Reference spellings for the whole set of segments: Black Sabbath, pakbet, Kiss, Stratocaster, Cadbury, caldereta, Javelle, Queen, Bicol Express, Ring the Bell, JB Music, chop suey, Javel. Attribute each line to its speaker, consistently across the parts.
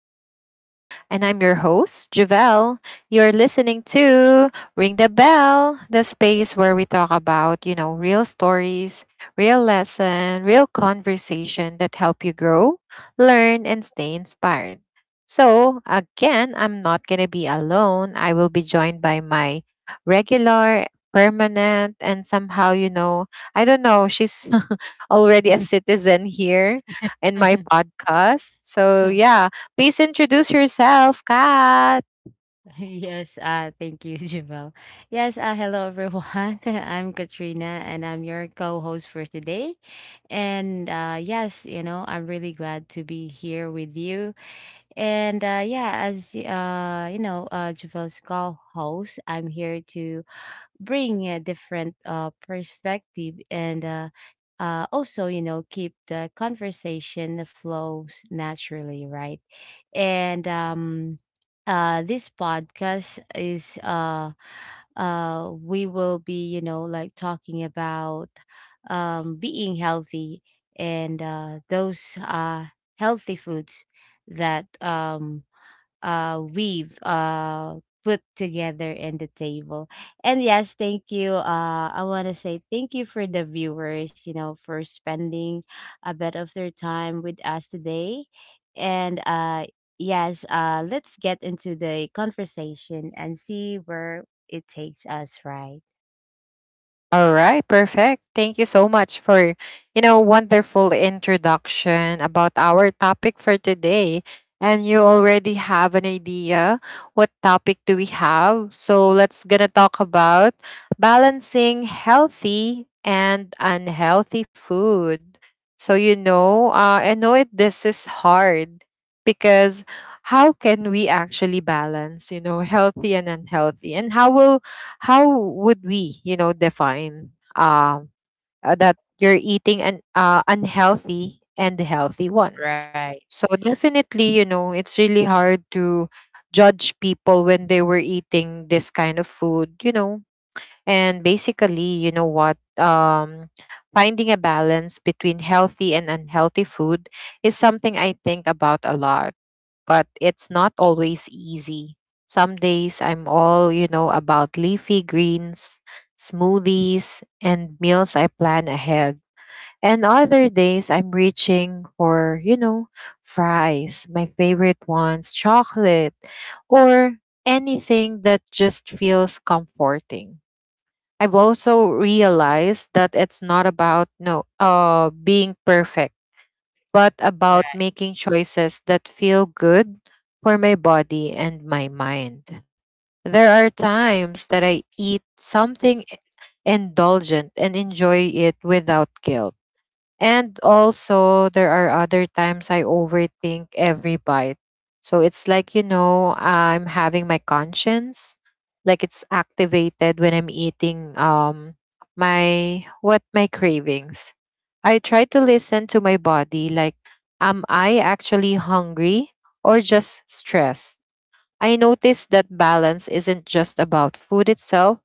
Speaker 1: the show. And I'm your host, Javelle. You're listening to Ring the Bell, the space where we talk about, real stories, real lesson, real conversation that help you grow, learn, and stay inspired. So, again, I'm not going to be alone. I will be joined by my regular, permanent, and somehow, I don't know, she's already a citizen here in my podcast. So yeah, please introduce yourself, Kat.
Speaker 2: Yes, thank you, Javel. Yes, hello everyone. I'm Katrina and I'm your co-host for today. And yes, I'm really glad to be here with you. And yeah, as Javel's co-host, I'm here to bring a different perspective and also, keep the conversation flows naturally, right? And this podcast is, we will be, like, talking about being healthy, and those healthy foods that, we've put together in the table. And yes, thank you. I want to say thank you for the viewers, for spending a bit of their time with us today. And yes, let's get into the conversation and see where it takes us, right?
Speaker 1: All right, perfect. Thank you so much for, wonderful introduction about our topic for today. And you already have an idea what topic do we have? So let's gonna talk about balancing healthy and unhealthy food. So I know it. This is hard because how can we actually balance, healthy and unhealthy, and how would we define uh, that you're eating an unhealthy and healthy ones.
Speaker 2: Right.
Speaker 1: So definitely, it's really hard to judge people when they were eating this kind of food, and basically, you know what, finding a balance between healthy and unhealthy food is something I think about a lot, but it's not always easy. Some days I'm all, about leafy greens, smoothies, and meals I plan ahead. And other days I'm reaching for, fries, my favorite ones, chocolate, or anything that just feels comforting. I've also realized that it's not about no being perfect, but about
Speaker 2: Right.
Speaker 1: making choices that feel good for my body and my mind. There are times that I eat something indulgent and enjoy it without guilt, and also, there are other times I overthink every bite. So it's like, I'm having my conscience, like it's activated when I'm eating, my cravings. I try to listen to my body, like am I actually hungry or just stressed? I notice that balance isn't just about food itself,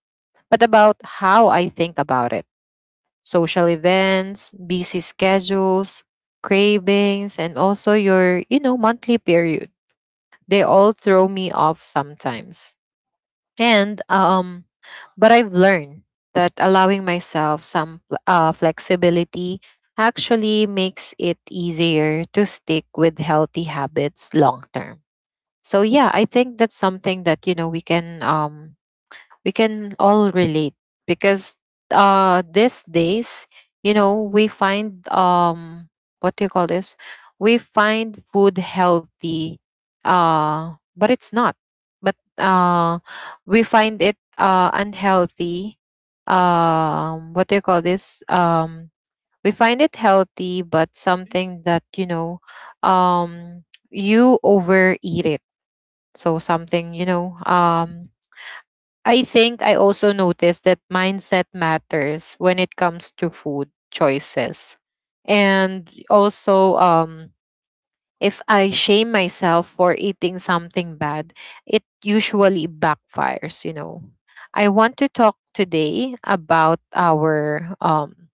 Speaker 1: but about how I think about it. Social events, busy schedules, cravings, and also your, monthly period. They all throw me off sometimes. And but I've learned that allowing myself some flexibility actually makes it easier to stick with healthy habits long term. So yeah, I think that's something that, we can all relate, because these days, we find, what do you call this, we find food healthy, but it's not, but we find it unhealthy. What do you call this, we find it healthy, but something that, um you overeat it. So something, I think I also noticed that mindset matters when it comes to food choices. And also, if I shame myself for eating something bad, it usually backfires, I want to talk today about our um,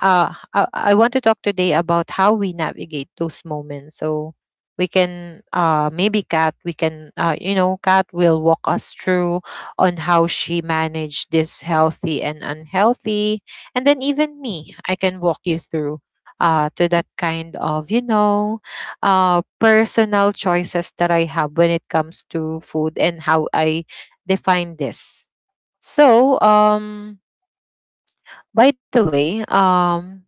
Speaker 1: I want to talk today about how we navigate those moments. So maybe Kat, we can, you know, Kat will walk us through on how she managed this healthy and unhealthy. And then even me, I can walk you through to that kind of, personal choices that I have when it comes to food and how I define this. So, by the way, um,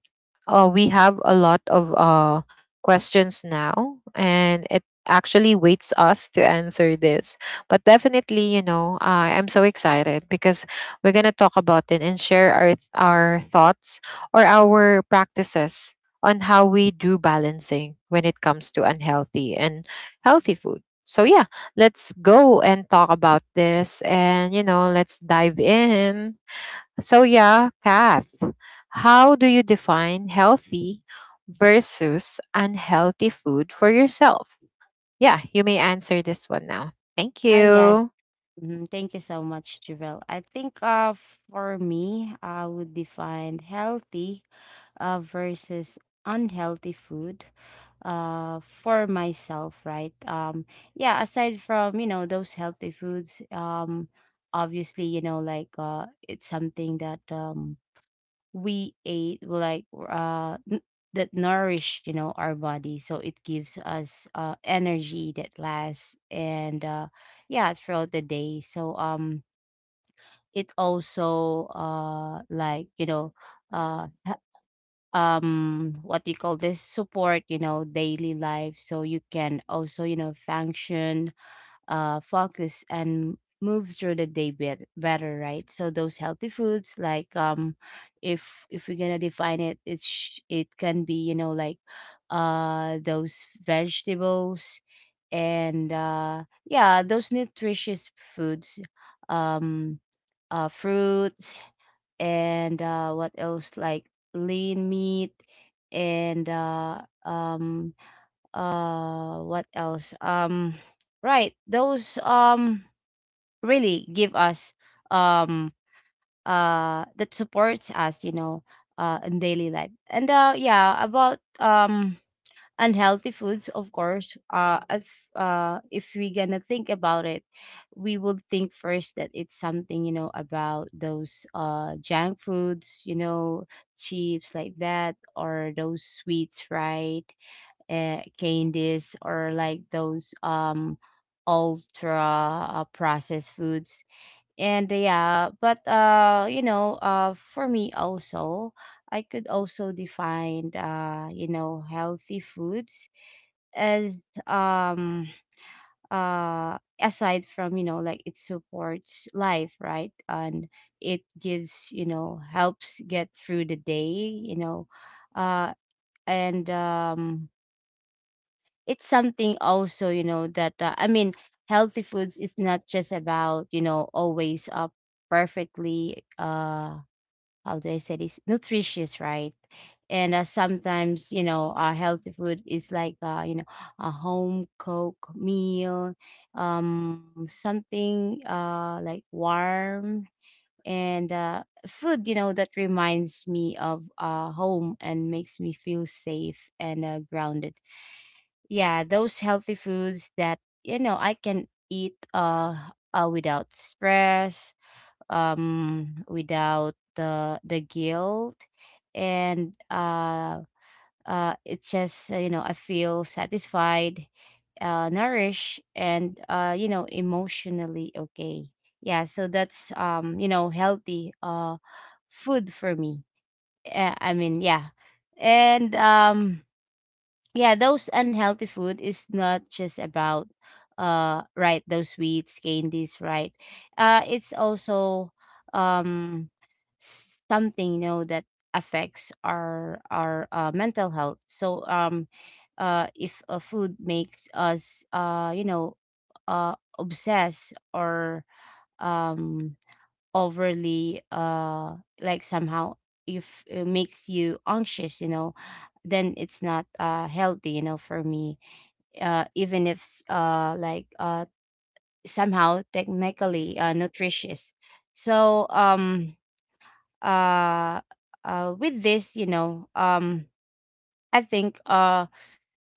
Speaker 1: uh, we have a lot of questions now, and it actually waits us to answer this. But definitely, I'm so excited because we're gonna talk about it and share our thoughts or our practices on how we do balancing when it comes to unhealthy and healthy food. So yeah, let's go and talk about this, and, let's dive in. So, yeah, Kath, how do you define healthy versus unhealthy food for yourself? Yeah, you may answer this one now. Thank
Speaker 2: Yes.
Speaker 1: you.
Speaker 2: Mhm. Thank you so much, Javel. I think for me, I would define healthy versus unhealthy food for myself, right? Yeah, aside from those healthy foods, obviously, like, it's something that, we ate well, like that nourish, our body, so it gives us energy that lasts, and yeah, throughout the day. So it also, like, uh what do you call this, support, daily life, so you can also, function, focus, and move through the day better, right? So those healthy foods, like, if we're gonna define it, it can be, like, those vegetables, and yeah, those nutritious foods, um fruits, and uh what else, like lean meat, and what else, right, those, really give us, um that supports us, in daily life. And yeah, about, unhealthy foods, of course, if we gonna think about it, we would think first that it's something, about those junk foods, chips, like that, or those sweets, right? Candies, or like those ultra, processed foods. And yeah, but for me also, I could also define, healthy foods as, um aside from, like, it supports life, right? And it gives, helps get through the day, you know uh and It's something also, that, I mean, healthy foods is not just about, always perfectly, how do I say this? Nutritious, right? And sometimes, healthy food is like, a home cooked meal, something like warm, and food, that reminds me of home, and makes me feel safe and grounded. Yeah, those healthy foods that, I can eat, without stress, without the guilt, and it's just, I feel satisfied, nourished, and emotionally okay. Yeah. So that's, healthy food for me. I mean, yeah. And yeah, those unhealthy food is not just about, right, those sweets, candies, right? It's also, um something, that affects our mental health. So if a food makes us, obsessed, or um overly, like, somehow, if it makes you anxious, then it's not healthy, for me, even if, like, somehow technically nutritious. So um uh uh with this, I think, uh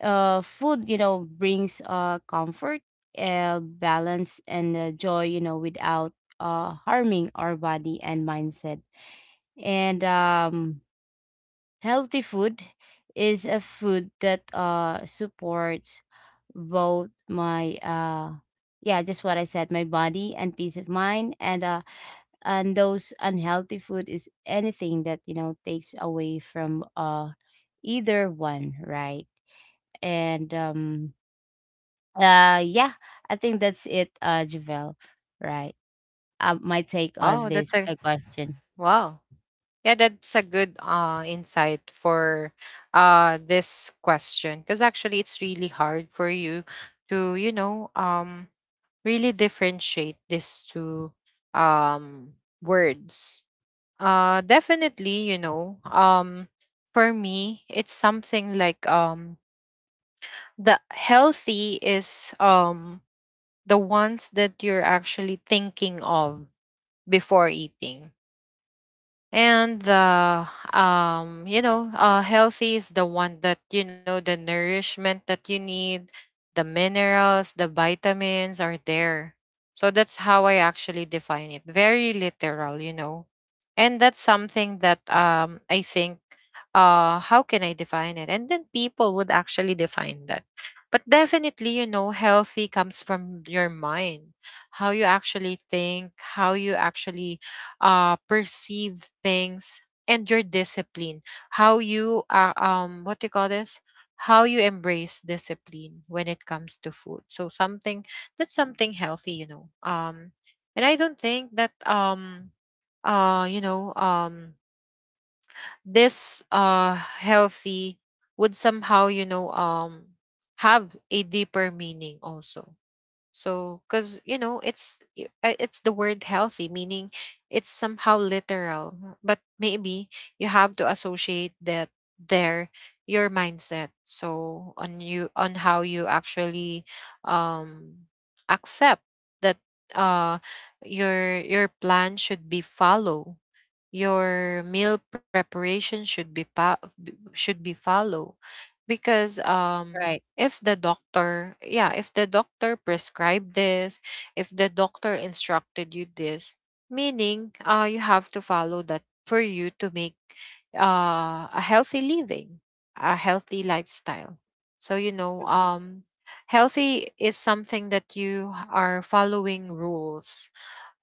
Speaker 2: uh food, brings comfort, balance, and joy, without harming our body and mindset. And healthy food is a food that supports both my, yeah, just what I said, my body and peace of mind. And those unhealthy food is anything that, takes away from, either one, right? And yeah, I think that's it, Javel, right? My take on
Speaker 1: Oh, that's
Speaker 2: this,
Speaker 1: a
Speaker 2: question.
Speaker 1: wow. Yeah, that's a good insight for this question, because actually it's really hard for you to, really differentiate these two um words. Definitely, for me, it's something like, the healthy is, the ones that you're actually thinking of before eating. And the, healthy is the one that, the nourishment that you need, the minerals, the vitamins are there. So that's how I actually define it, very literal. And that's something that, I think, how can I define it, and then people would actually define that. But definitely, healthy comes from your mind, how you actually think, how you actually, perceive things, and your discipline. How you, what do you call this? How you embrace discipline when it comes to food. So something, that's something healthy. And I don't think that, uh you know um this healthy would somehow, have a deeper meaning also. So, because, it's the word healthy, meaning it's somehow literal. But maybe you have to associate that there, your mindset. So on how you actually, um accept that, uh your plan should be follow. Your meal preparation should be, should be follow, because
Speaker 2: Right.
Speaker 1: if the doctor prescribed this, if the doctor instructed you this, meaning, you have to follow that for you to make a healthy living, a healthy lifestyle. So,
Speaker 2: Mhm.
Speaker 1: healthy is something that you are following rules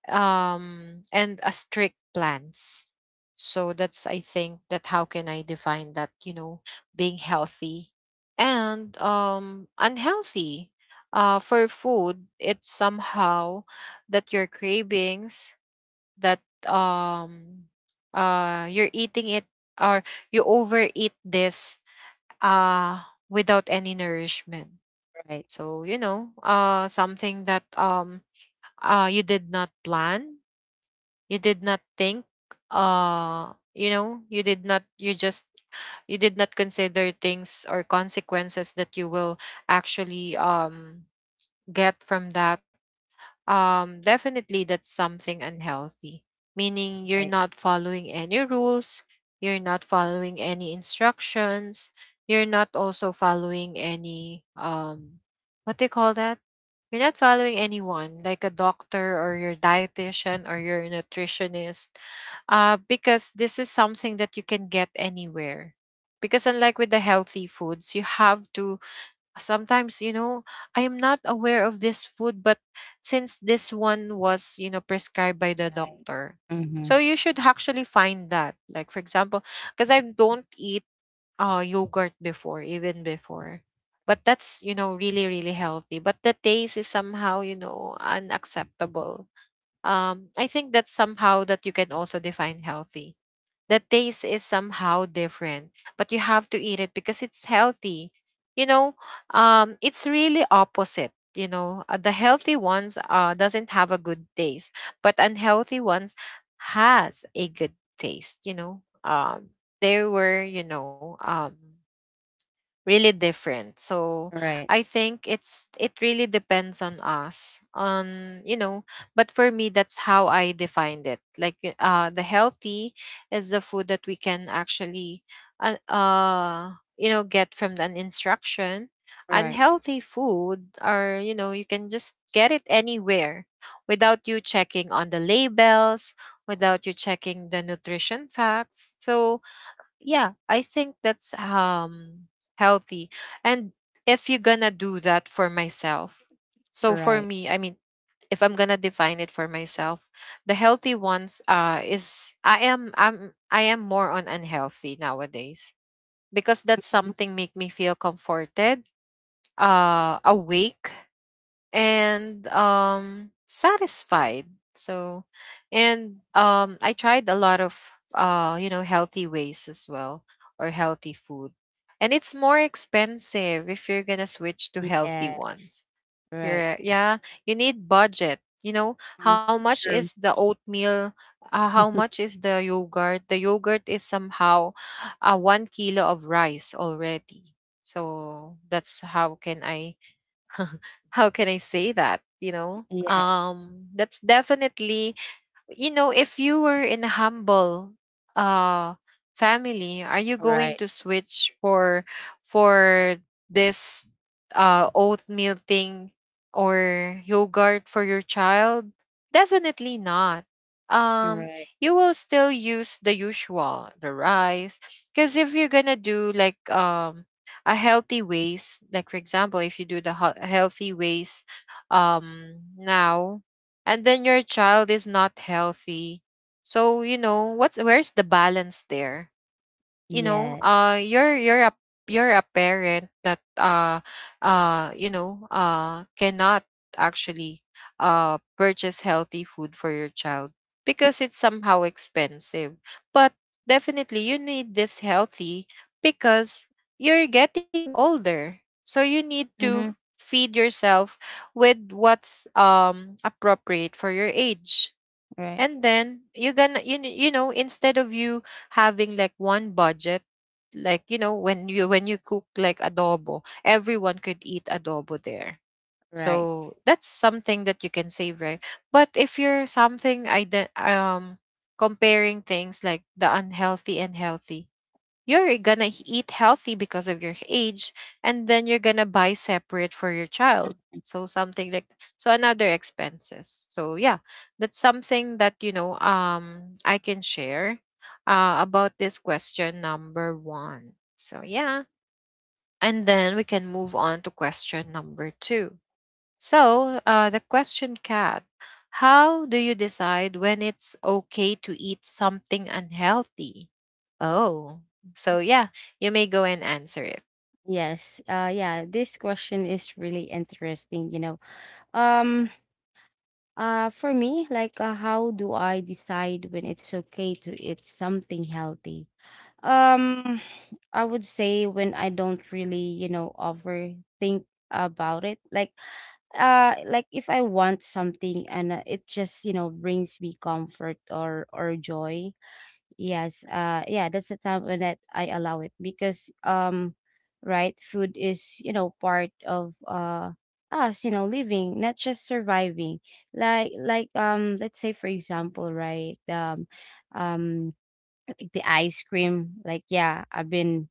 Speaker 1: and a strict plans. So that's, I think, that how can I define that, being healthy. And unhealthy, for food, it's somehow that your cravings, that, um you're eating it, or you overeat this uh without any nourishment.
Speaker 2: Right.
Speaker 1: So, something that, you did not plan, you did not think, uh you know you did not you just you did not consider things or consequences that you will actually, get from that. Definitely that's something unhealthy, meaning you're
Speaker 2: Right.
Speaker 1: not following any rules, you're not following any instructions, you're not also following any, what do you call that? You're not following anyone like a doctor or your dietitian or your nutritionist, because this is something that you can get anywhere. Because unlike with the healthy foods, you have to sometimes, I am not aware of this food, but since this one was, prescribed by the
Speaker 2: Right.
Speaker 1: doctor.
Speaker 2: Hmm.
Speaker 1: So you should actually find that, like for example, because I don't eat yogurt before, even before, but that's, really really healthy, but the taste is somehow, unacceptable. I think that's somehow that you can also define healthy. The taste is somehow different, but you have to eat it because it's healthy. You know, it's really opposite. The healthy ones, doesn't have a good taste, but unhealthy ones has a good taste. They were, really different. So
Speaker 2: Right,
Speaker 1: I think it really depends on us. But for me, that's how I defined it. Like, the healthy is the food that we can actually, get from an instruction.
Speaker 2: right.
Speaker 1: Unhealthy food are, you can just get it anywhere, without you checking on the labels, without you checking the nutrition facts. So yeah, I think that's, healthy. And if you're gonna do that for myself, so for
Speaker 2: Right.
Speaker 1: me, I mean, if I'm gonna define it for myself, the healthy ones, is I am I'm I am more on unhealthy nowadays, because that's
Speaker 2: Mhm.
Speaker 1: something make me feel comforted, awake, and, satisfied. So, and I tried a lot of, healthy ways as well, or healthy food, and it's more expensive if you're gonna switch to healthy
Speaker 2: Yeah,
Speaker 1: ones.
Speaker 2: right.
Speaker 1: Correct. Yeah, you need budget.
Speaker 2: Mhm.
Speaker 1: How much
Speaker 2: True.
Speaker 1: is the oatmeal, how much is the yogurt? The yogurt is somehow, 1 kilo of rice already. So that's how can I how can I say that?
Speaker 2: Yes,
Speaker 1: That's definitely, if you were in a humble, uh family, are you going
Speaker 2: right,
Speaker 1: to switch for, for this oatmeal thing, or yogurt for your child? Definitely not. Um
Speaker 2: right.
Speaker 1: you will still use the usual, the rice. Cause if you're gonna do like a healthy ways, like for example, if you do the healthy ways now, and then your child is not healthy, so you know what's where's the balance there. you know
Speaker 2: Yeah.
Speaker 1: uh you're you're a you're a parent that cannot actually purchase healthy food for your child because it's somehow expensive. But definitely you need this healthy because you're getting older, so you need to
Speaker 2: Mm-hmm.
Speaker 1: feed yourself with what's appropriate for your age.
Speaker 2: Right.
Speaker 1: And then you're gonna you, kn- you know instead of you having like one budget, like you know, when you cook like adobo, everyone could eat adobo there.
Speaker 2: Right.
Speaker 1: So that's something that you can save, right? But if you're something comparing things like the unhealthy and healthy, you're gonna eat healthy because of your age, and then you're gonna buy separate for your child. So something like, so another expenses. So yeah, that's something that I can share, about this question number one. So yeah, and then we can move on to question number two. So, the question, cat How do you decide when it's okay to eat something unhealthy? Oh,
Speaker 2: Mhm.
Speaker 1: so yeah, you may go and answer it.
Speaker 2: Yes. Yeah, this question is really interesting. Um for me, like, how do I decide when it's okay to eat something healthy? Um I would say when I don't really, overthink about it. Like if I want something, and it just, brings me comfort, or joy. Yes, yeah, that's the time when that I allow it, because, right, food is, part of us, living, not just surviving. Like, let's say, for example, right? Um I think the ice cream, like, yeah, I've been,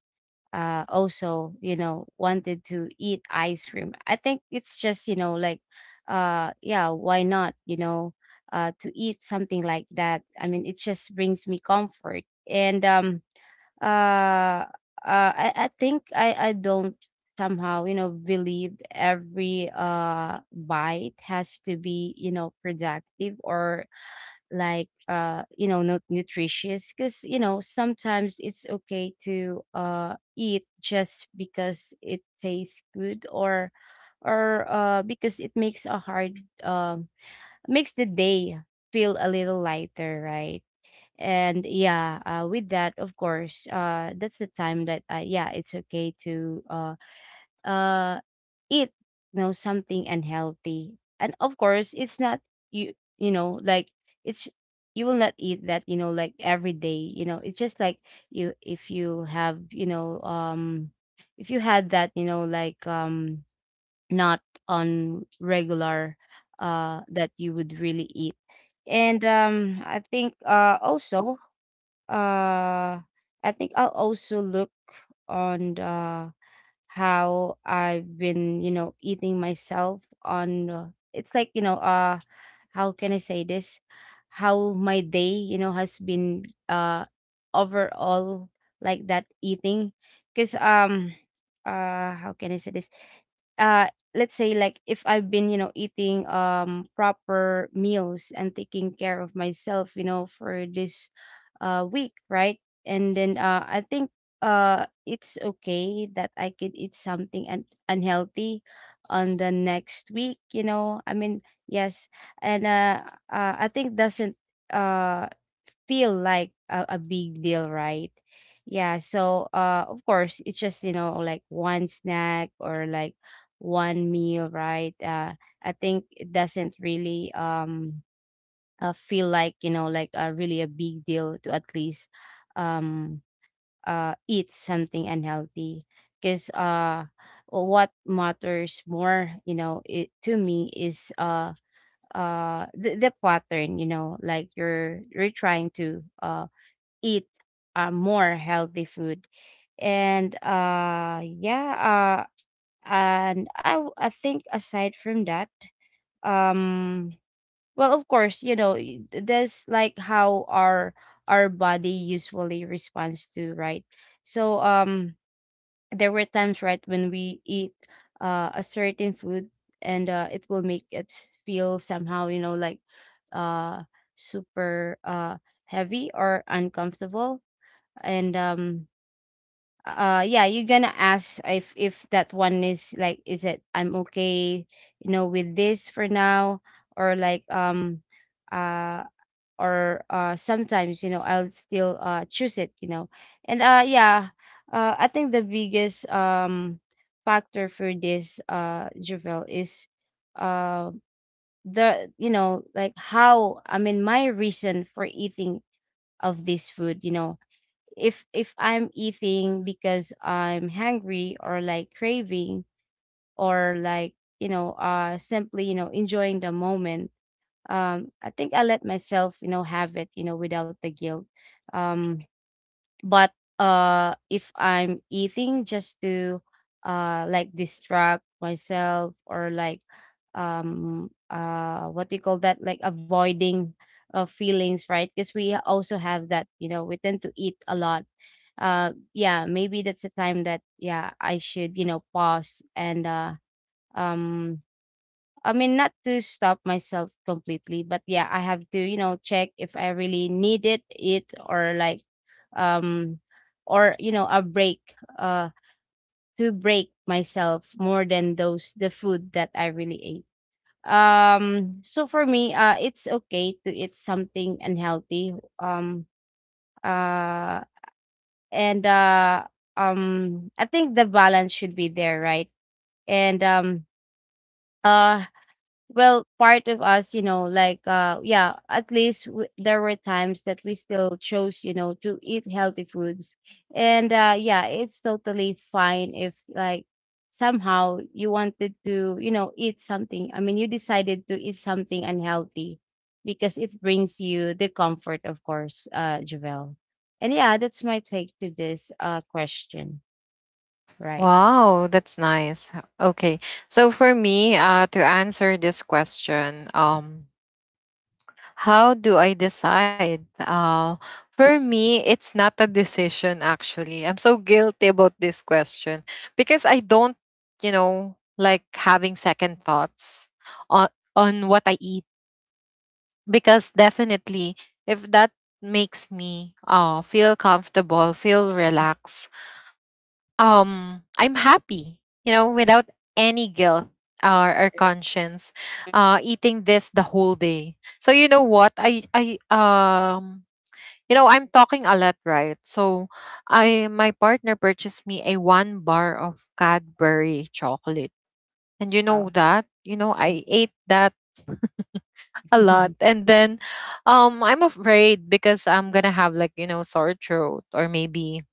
Speaker 2: also, wanted to eat ice cream. I think it's just, like, yeah, why not, to eat something like that? I mean, it just brings me comfort. And um uh uh i, I think I don't somehow, believe every bite has to be, productive, or like, not nutritious, because, sometimes it's okay to eat just because it tastes good, or, because it makes the day feel a little lighter, right? And yeah, with that, of course, that's the time that, yeah, it's okay to, uh, eat, something unhealthy. And of course it's not, like, it's you will not eat that, like, every day. It's just like, you if you have, if you had that, not on regular, that you would really eat. And um i think uh also uh I think I'll also look on the, how I've been, eating myself on, it's like, how can I say this? How my day, has been, overall, like that eating, because, how can I say this? uh let's say, like, if I've been, eating, proper meals, and taking care of myself, for this week, right? And then, I think, it's okay that I could eat something unhealthy on the next week, I mean, yes. And, I think doesn't uh feel like a big deal, right? Yeah, so, of course, it's just, like one snack, or like one meal, right? I think it doesn't really, feel like, like a really a big deal to at least, um eat something unhealthy, because, what matters more, it to me is, the pattern, like, you're trying to eat, more healthy food, and yeah. And I think, aside from that, um well, of course, that's like how our body usually responds to, right? So there were times, right, when we eat a certain food, and it will make it feel somehow, like, uh super, heavy or uncomfortable. And, yeah, you're gonna ask if that one is like, is it, I'm okay, with this for now, or like, uh or sometimes, I'll still choose it, you know and Yeah. I think the biggest, factor for this, Javel, is, uh the, like, how, I mean, my reason for eating of this food, you know. If I'm eating because I'm hungry, or like craving, or like, simply, enjoying the moment. I think I let myself, have it, without the guilt. um but if I'm eating just to, like, distract myself, or like, what do you call that, like avoiding, feelings, right? Because we also have that, we tend to eat a lot. Yeah, maybe that's a time that, yeah, I should, pause, and, um I mean, not to stop myself completely, but yeah, I have to, check if I really needed it, or like, um or, a break, to break myself more than those the food that I really ate. So for me, it's okay to eat something unhealthy. Uh and I think the balance should be there, right? And, uh well, part of us, like, yeah, at least, there were times that we still chose, to eat healthy foods, and Yeah, it's totally fine if like somehow you wanted to eat something. I mean you decided to eat something unhealthy because it brings you the comfort. Of course, Javel. And yeah, that's my take to this question. Right.
Speaker 1: Wow, that's nice. Okay. So, for me, to answer this question, how do I decide? For me, it's not a decision actually. I'm so guilty about this question because I don't, you know, like having second thoughts on on what I eat, because definitely if that makes me feel comfortable, feel relaxed, I'm happy, you know, without any guilt or conscience eating this the whole day. So you know what? I, you know, I'm talking a lot, right? So, I, my partner purchased me a one bar of Cadbury chocolate. And you know
Speaker 2: Wow.
Speaker 1: that? You know, I ate that a lot. And then I'm afraid because I'm going to have like, you know, sore throat or maybe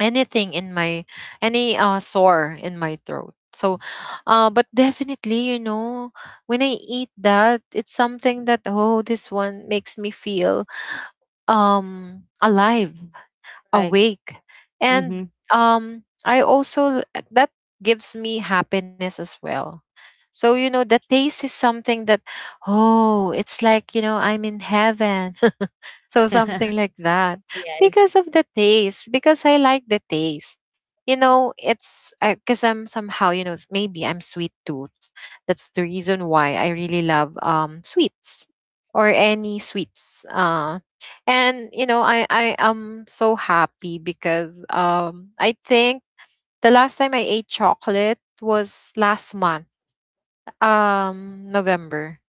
Speaker 1: anything in my any sore in my throat. So, but definitely, you know, when I eat that, it's something that, oh, this one makes me feel alive,
Speaker 2: Right.
Speaker 1: awake, and
Speaker 2: Mm-hmm.
Speaker 1: I also that gives me happiness as well. So you know the taste is something that, oh, it's like, you know, I'm in heaven. So something like that.
Speaker 2: Yes.
Speaker 1: Because of the taste, because I like the taste. You know, it's because I'm somehow, you know, maybe I'm sweet tooth. That's the reason why I really love sweets or any sweets. And you know, I am so happy because I think the last time I ate chocolate was last month, November.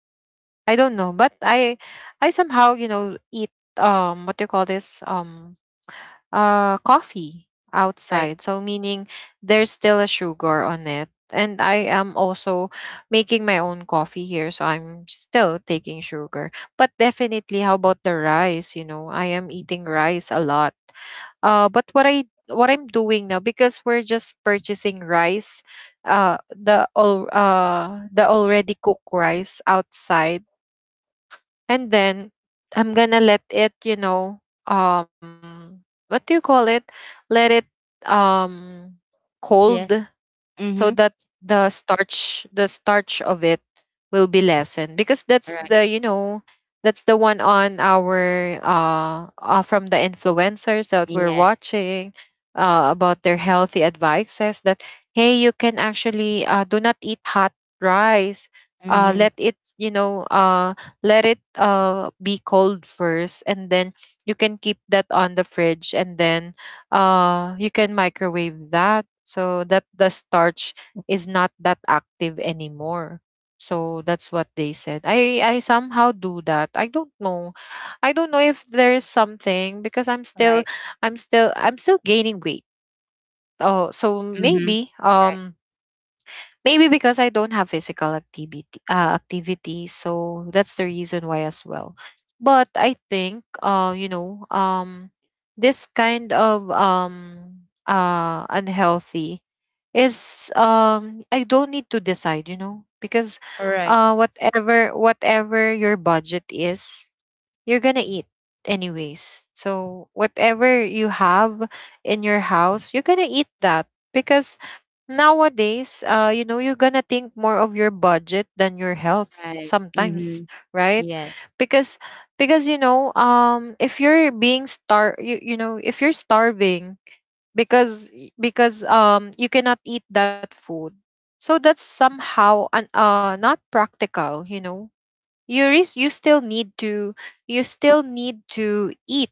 Speaker 1: I don't know, but I somehow you know eat what do you call this coffee
Speaker 2: Right.
Speaker 1: outside. So meaning there's still a sugar on it, and I am also making my own coffee here, so I'm still taking sugar. But definitely, how about the rice? You know, I am eating rice a lot. But what I what I'm doing now, because we're just purchasing rice the already cooked rice outside, and then I'm gonna let it, you know, um what do you call it let it um cold,
Speaker 2: Yes.
Speaker 1: so
Speaker 2: Mhm.
Speaker 1: that the starch of it will be lessened, because that's
Speaker 2: Right.
Speaker 1: the, you know, that's the one on our from the influencers that we're
Speaker 2: Yes.
Speaker 1: watching, about their healthy advices that, hey, you can actually, do not eat hot rice,
Speaker 2: Mhm.
Speaker 1: let it, you know, let it be cold first, and then you can keep that on the fridge, and then you can microwave that so that the starch is not that active anymore. So that's what they said. I somehow do that. I don't know, I don't know if there's something, because I'm still,
Speaker 2: Right.
Speaker 1: I'm still gaining weight. Oh, so
Speaker 2: Mhm.
Speaker 1: maybe
Speaker 2: Right.
Speaker 1: maybe because I don't have physical activity, activities, so that's the reason why as well. But I think you know this kind of unhealthy is I don't need to decide, you know, because
Speaker 2: Right.
Speaker 1: whatever, whatever your budget is, you're gonna eat anyways. So whatever you have in your house, you're gonna eat that, because nowadays, you know, you're gonna think more of your budget than your health
Speaker 2: Right.
Speaker 1: sometimes,
Speaker 2: Mhm.
Speaker 1: right?
Speaker 2: Yes.
Speaker 1: Because because you know, if you're being star, if you're starving, because because you cannot eat that food. So that's somehow an, not practical, you know, you still need to, you still need to eat.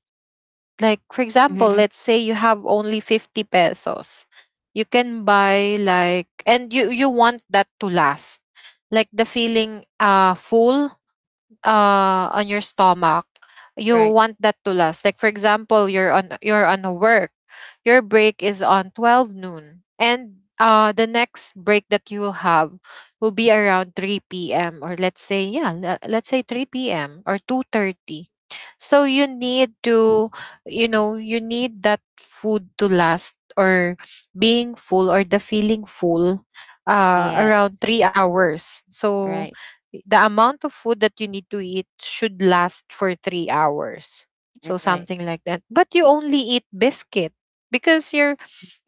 Speaker 1: Like for example,
Speaker 2: Mhm.
Speaker 1: let's say you have only 50 pesos, you can buy like, and you want that to last, like the feeling full on your stomach. You
Speaker 2: Right.
Speaker 1: want that to last, like for example, you're on a work, your break is on 12 noon, and the next break that you will have will be around 3 p.m., or let's say, yeah, let's say 3 p.m. or 2:30. So you need to, you know, you need that food to last or being full or the feeling full
Speaker 2: Yes.
Speaker 1: around 3 hours. So
Speaker 2: Right.
Speaker 1: the amount of food that you need to eat should last for 3 hours. So
Speaker 2: Right.
Speaker 1: something like that. But you only eat biscuit because you're,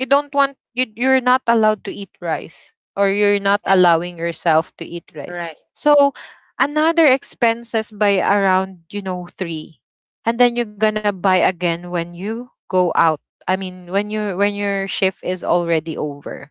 Speaker 1: you don't want, you, you're not allowed to eat rice, or you're not
Speaker 2: Yeah.
Speaker 1: allowing yourself to eat rice.
Speaker 2: Right.
Speaker 1: So another expenses by around, you know, three. And then you're gonna buy again when you go out. I mean, when your shift is already over,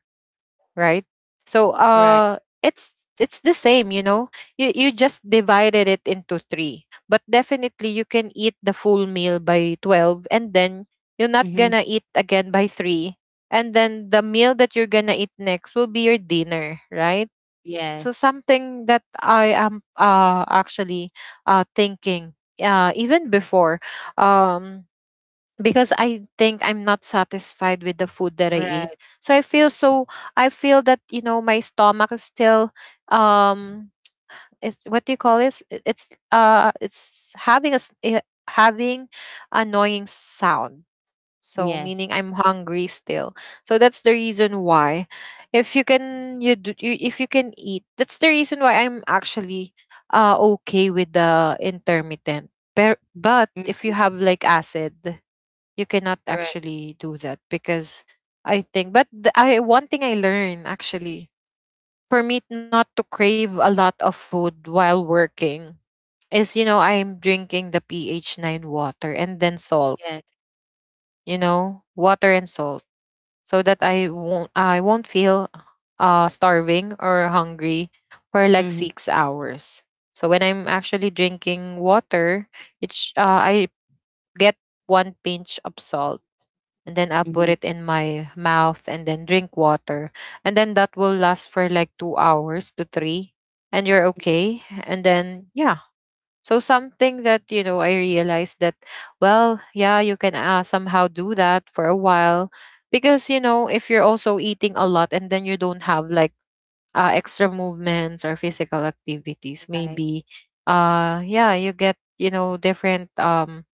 Speaker 1: right? So
Speaker 2: Right.
Speaker 1: it's the same, you know. You just divided it into three. But definitely you can eat the full meal by 12, and then you're not
Speaker 2: Mhm.
Speaker 1: gonna eat again by three. And then the meal that you're gonna eat next will be your dinner, right?
Speaker 2: Yes.
Speaker 1: So something that I am actually thinking even before. Um because I think I'm not satisfied with the food that I
Speaker 2: Right.
Speaker 1: ate. So I feel so, I feel that, you know, my stomach is still um is, what do you call this? It's having a having annoying sound. So
Speaker 2: Yes.
Speaker 1: meaning I'm hungry still. So that's the reason why, if you can you do, you, if you can eat, that's the reason why I'm actually okay with the intermittent. But if you
Speaker 2: Mhm.
Speaker 1: have like acid, you cannot
Speaker 2: Right.
Speaker 1: actually do that, because I think, but the, I, one thing I learned actually, for me not to crave a lot of food while working, is, you know, I'm drinking the pH 9 water and then salt,
Speaker 2: Yes.
Speaker 1: you know, water and salt, so that I won't feel starving or hungry for like
Speaker 2: Mhm.
Speaker 1: 6 hours. So when I'm actually drinking water, it's I get one pinch of salt, and then I'll put
Speaker 2: Mhm.
Speaker 1: it in my mouth and then drink water. And then that will last for like 2 hours to three, and you're
Speaker 2: Mhm.
Speaker 1: okay. And then, yeah. So something that, you know, I realized that, well, yeah, you can somehow do that for a while. Because, you know, if you're also eating a lot and then you don't have like extra movements or physical activities,
Speaker 2: Right.
Speaker 1: maybe, yeah, you get, you know, different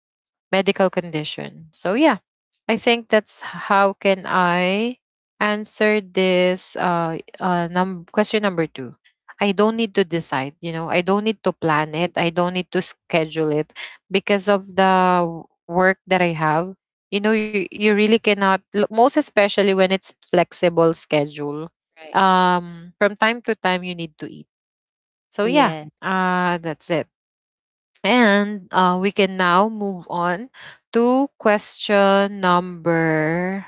Speaker 1: medical condition. So yeah, I think that's how can I answer this question number 2. I don't need to decide, you know, I don't need to plan it,
Speaker 2: Mhm.
Speaker 1: I don't need to schedule it because of the work that I have. You know, you really cannot lo-, most especially when it's flexible schedule.
Speaker 2: Right.
Speaker 1: From time to time you need to eat. So yeah,
Speaker 2: Yes.
Speaker 1: that's it. And we can now move on to question number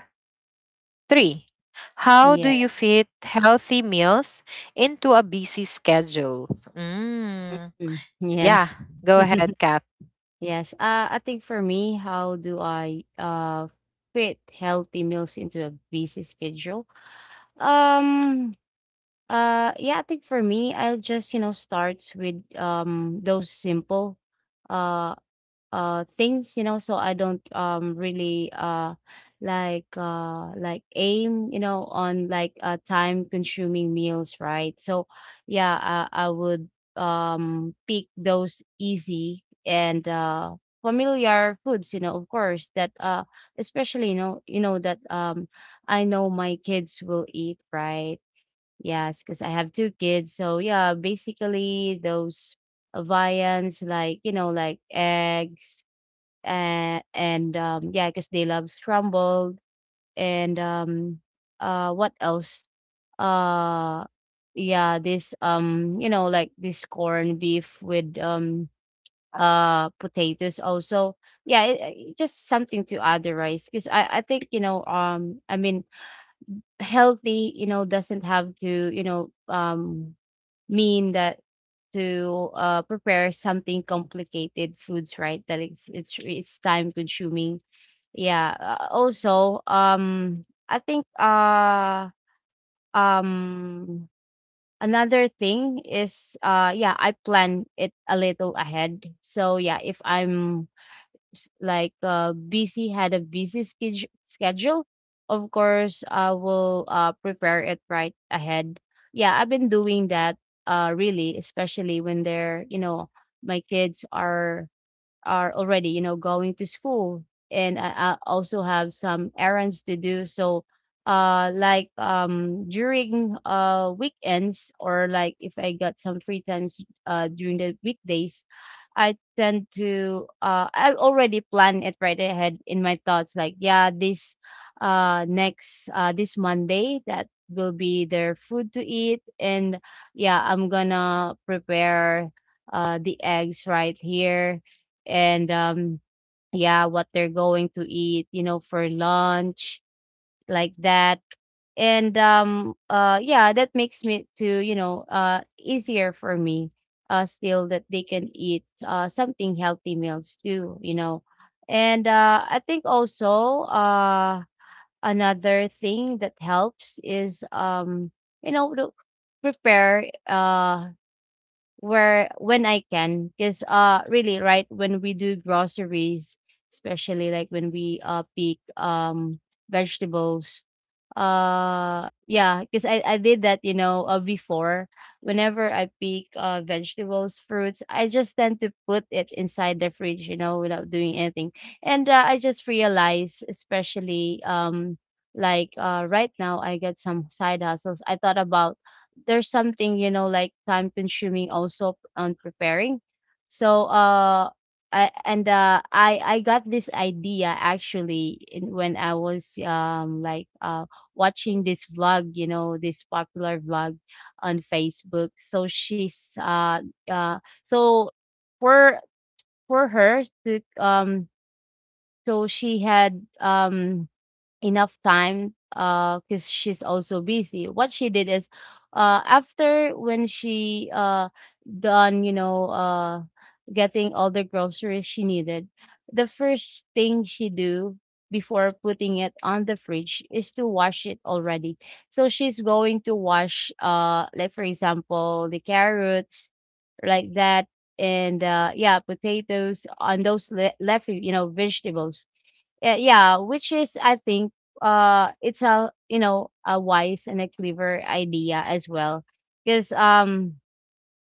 Speaker 1: three. How do you
Speaker 2: Yes.
Speaker 1: fit healthy meals into a busy schedule? Mm.
Speaker 2: Mm.
Speaker 1: Yeah,
Speaker 2: Yes.
Speaker 1: go ahead, Kat.
Speaker 2: Yes. I think for me, how do I fit healthy meals into a busy schedule? Um, yeah, I think for me, I'll just, you know, start with those simple uh uh things, you know, so I don't really like aim, you know, on like time consuming meals, right? So yeah, I would pick those easy and familiar foods, you know, of course, that especially you know that I know my kids will eat, right? Yes, because I have 2 kids. So, yeah, basically those, viands like, you know, like eggs, and, yeah, because they love scrambled, and, what else? Uh, yeah, this, you know, like this corned beef with, potatoes also. Yeah, it it just something to other rice because I think, you know, I mean, healthy, you know, doesn't have to, you know, mean that to prepare something complicated foods, right? That it's it's time consuming. Yeah. Also, I think um another thing is yeah, I plan it a little ahead. So yeah, if I'm like busy, had a busy schedule, of course I will, prepare it right ahead. Yeah, I've been doing that, really, especially when they're, you know, my kids are, already, you know, going to school, and I also have some errands to do. So, like during weekends or like if I got some free times during the weekdays, I tend to I already plan it right ahead in my thoughts. Like, yeah, this Monday that will be their food to eat, and yeah, I'm gonna prepare the eggs right here, and yeah, what they're going to eat, you know, for lunch, like that. And yeah, that makes me to you know, easier for me, still that they can eat something healthy meals too, you know. And I think also, another thing that helps is, you know, to prepare where when I can, because really, right, when we do groceries, especially like when we pick vegetables, yeah, because I did that, you know, before. Whenever I pick vegetables, fruits, I just tend to put it inside the fridge, you know, without doing anything. And I just realized, especially like right now, I get some side hustles. I thought about there's something, you know, like time consuming also on preparing. So I, and I I got this idea actually in, when I was like watching this vlog, you know, this popular vlog on Facebook. So she's so for her to so she had enough time because she's also busy. What she did is after when she done, you know, getting all the groceries she needed, the first thing she do before putting it on the fridge is to wash it already. So she's going to wash, like for example, the carrots, like that, and yeah, potatoes and those left, you know, vegetables. Yeah, yeah, which is I think it's a, you know, a wise and a clever idea as well, because um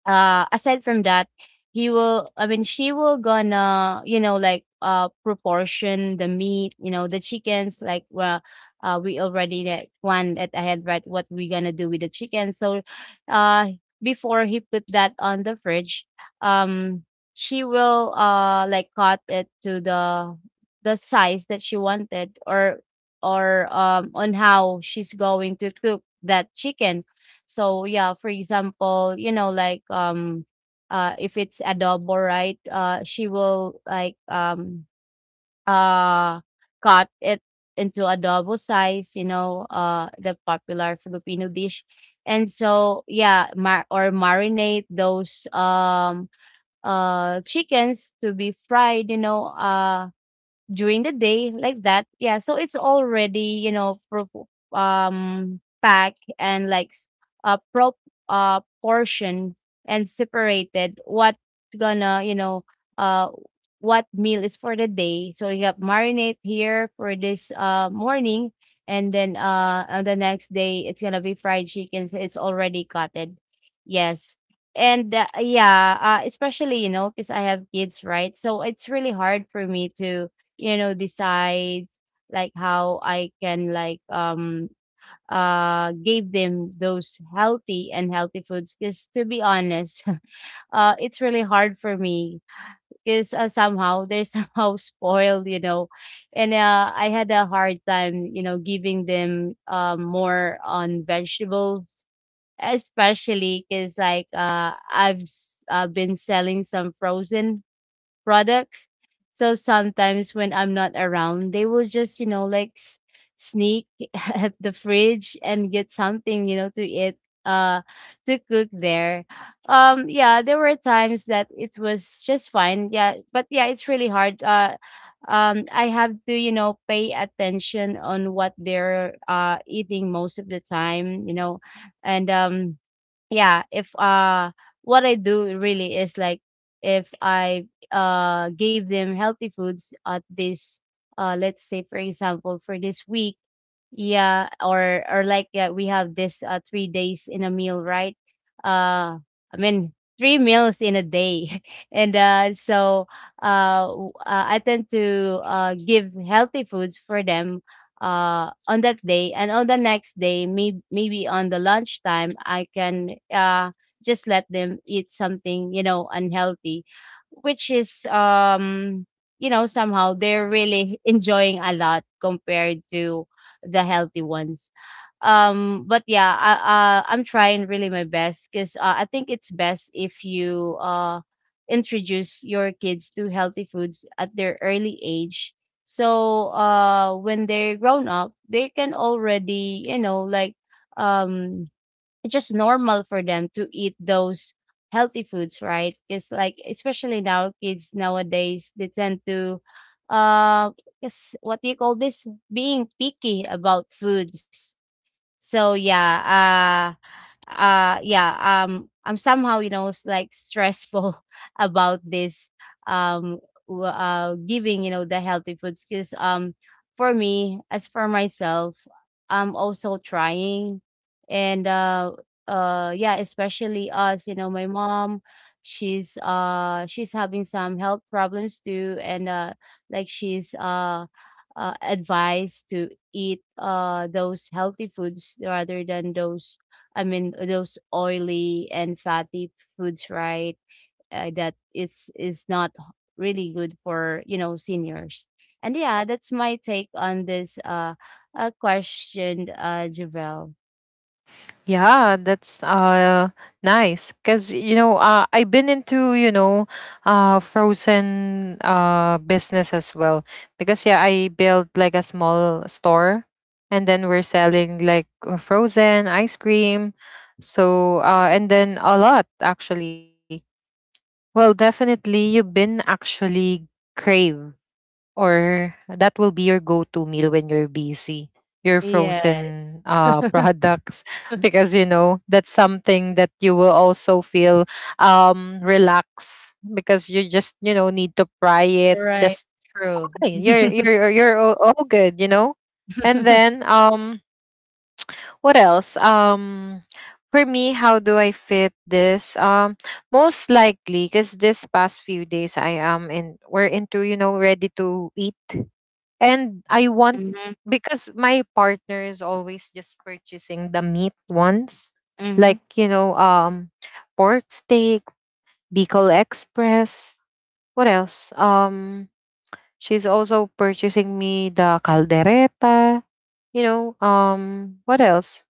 Speaker 2: uh aside from that, he will I mean she will gonna, you know, like proportion the meat, you know, the chickens, like, well, we already like planned it ahead, right, what we gonna do with the chicken. So uh before he put that on the fridge, um she will like cut it to the size that she wanted, or on how she's going to cook that chicken. So yeah, for example, you know, like if it's adobo, right? She will like uh cut it into adobo size, you know, the popular Filipino dish. And so yeah, mar- or marinate those chickens to be fried, you know, during the day, like that. Yeah, so it's already, you know, packed and like s- prop portion and separated what gonna, you know, uh what meal is for the day. So you have marinate here for this morning, and then on the next day it's gonna be fried chicken, so it's already cutted. Yes. And yeah, especially, you know, because I have kids, right? So it's really hard for me to, you know, decides like how I can like give them those healthy foods, because to be honest, it's really hard for me, because somehow they're somehow spoiled, you know. And I had a hard time, you know, giving them more on vegetables, especially because like I've been selling some frozen products. So sometimes when I'm not around, they will just, you know, like sneak at the fridge and get something, you know, to eat, uh, to cook there. Yeah, there were times that it was just fine. Yeah, but yeah, it's really hard. I have to, you know, pay attention on what they're eating most of the time, you know. And yeah, if what I do really is like, if I gave them healthy foods at this, let's say for example, for this week, yeah, or like yeah, we have this 3 days in a meal, right? Uh I mean three meals in a day. And so I tend to give healthy foods for them on that day, and on the next day maybe on the lunchtime I can just let them eat something, you know, unhealthy, which is you know, somehow they're really enjoying a lot compared to the healthy ones. But yeah, I'm trying really my best, because I think it's best if you introduce your kids to healthy foods at their early age. So when they're grown up, they can already, you know, like um it's just normal for them to eat those healthy foods, right? Because like especially now, kids nowadays they tend to, uh, is what do you call this? Being picky about foods. So yeah, yeah, I'm somehow, you know, like stressful about this, um giving, you know, the healthy foods, because for me, as for myself, I'm also trying. And yeah, especially us, you know, my mom, she's having some health problems too. And like she's advised to eat those healthy foods rather than those, I mean, those oily and fatty foods, right? That is not really good for, you know, seniors. And yeah, that's my take on this question, Javel.
Speaker 1: Yeah, that's nice, because you know, I've been into, you know, frozen business as well, because yeah, I built like a small store, and then we're selling like, frozen ice cream. So and then a lot actually. Well, definitely you've been actually crave, or that will be your go-to meal when you're busy, your
Speaker 2: Yes,
Speaker 1: frozen products because you know that's something that you will also feel relaxed because you just, you know, need to fry it,
Speaker 2: right,
Speaker 1: just
Speaker 2: true.
Speaker 1: okay, you're you're you're all good, you know. And then what else? For me, how do I fit this? Most likely, because this past few days I am in, we're into, you know, ready to eat. And I want,
Speaker 2: Mm-hmm,
Speaker 1: because my partner is always just purchasing the meat ones,
Speaker 2: mm-hmm,
Speaker 1: like, you know, pork steak, Bicol Express. What else? She's also purchasing me the caldereta. You know, what else?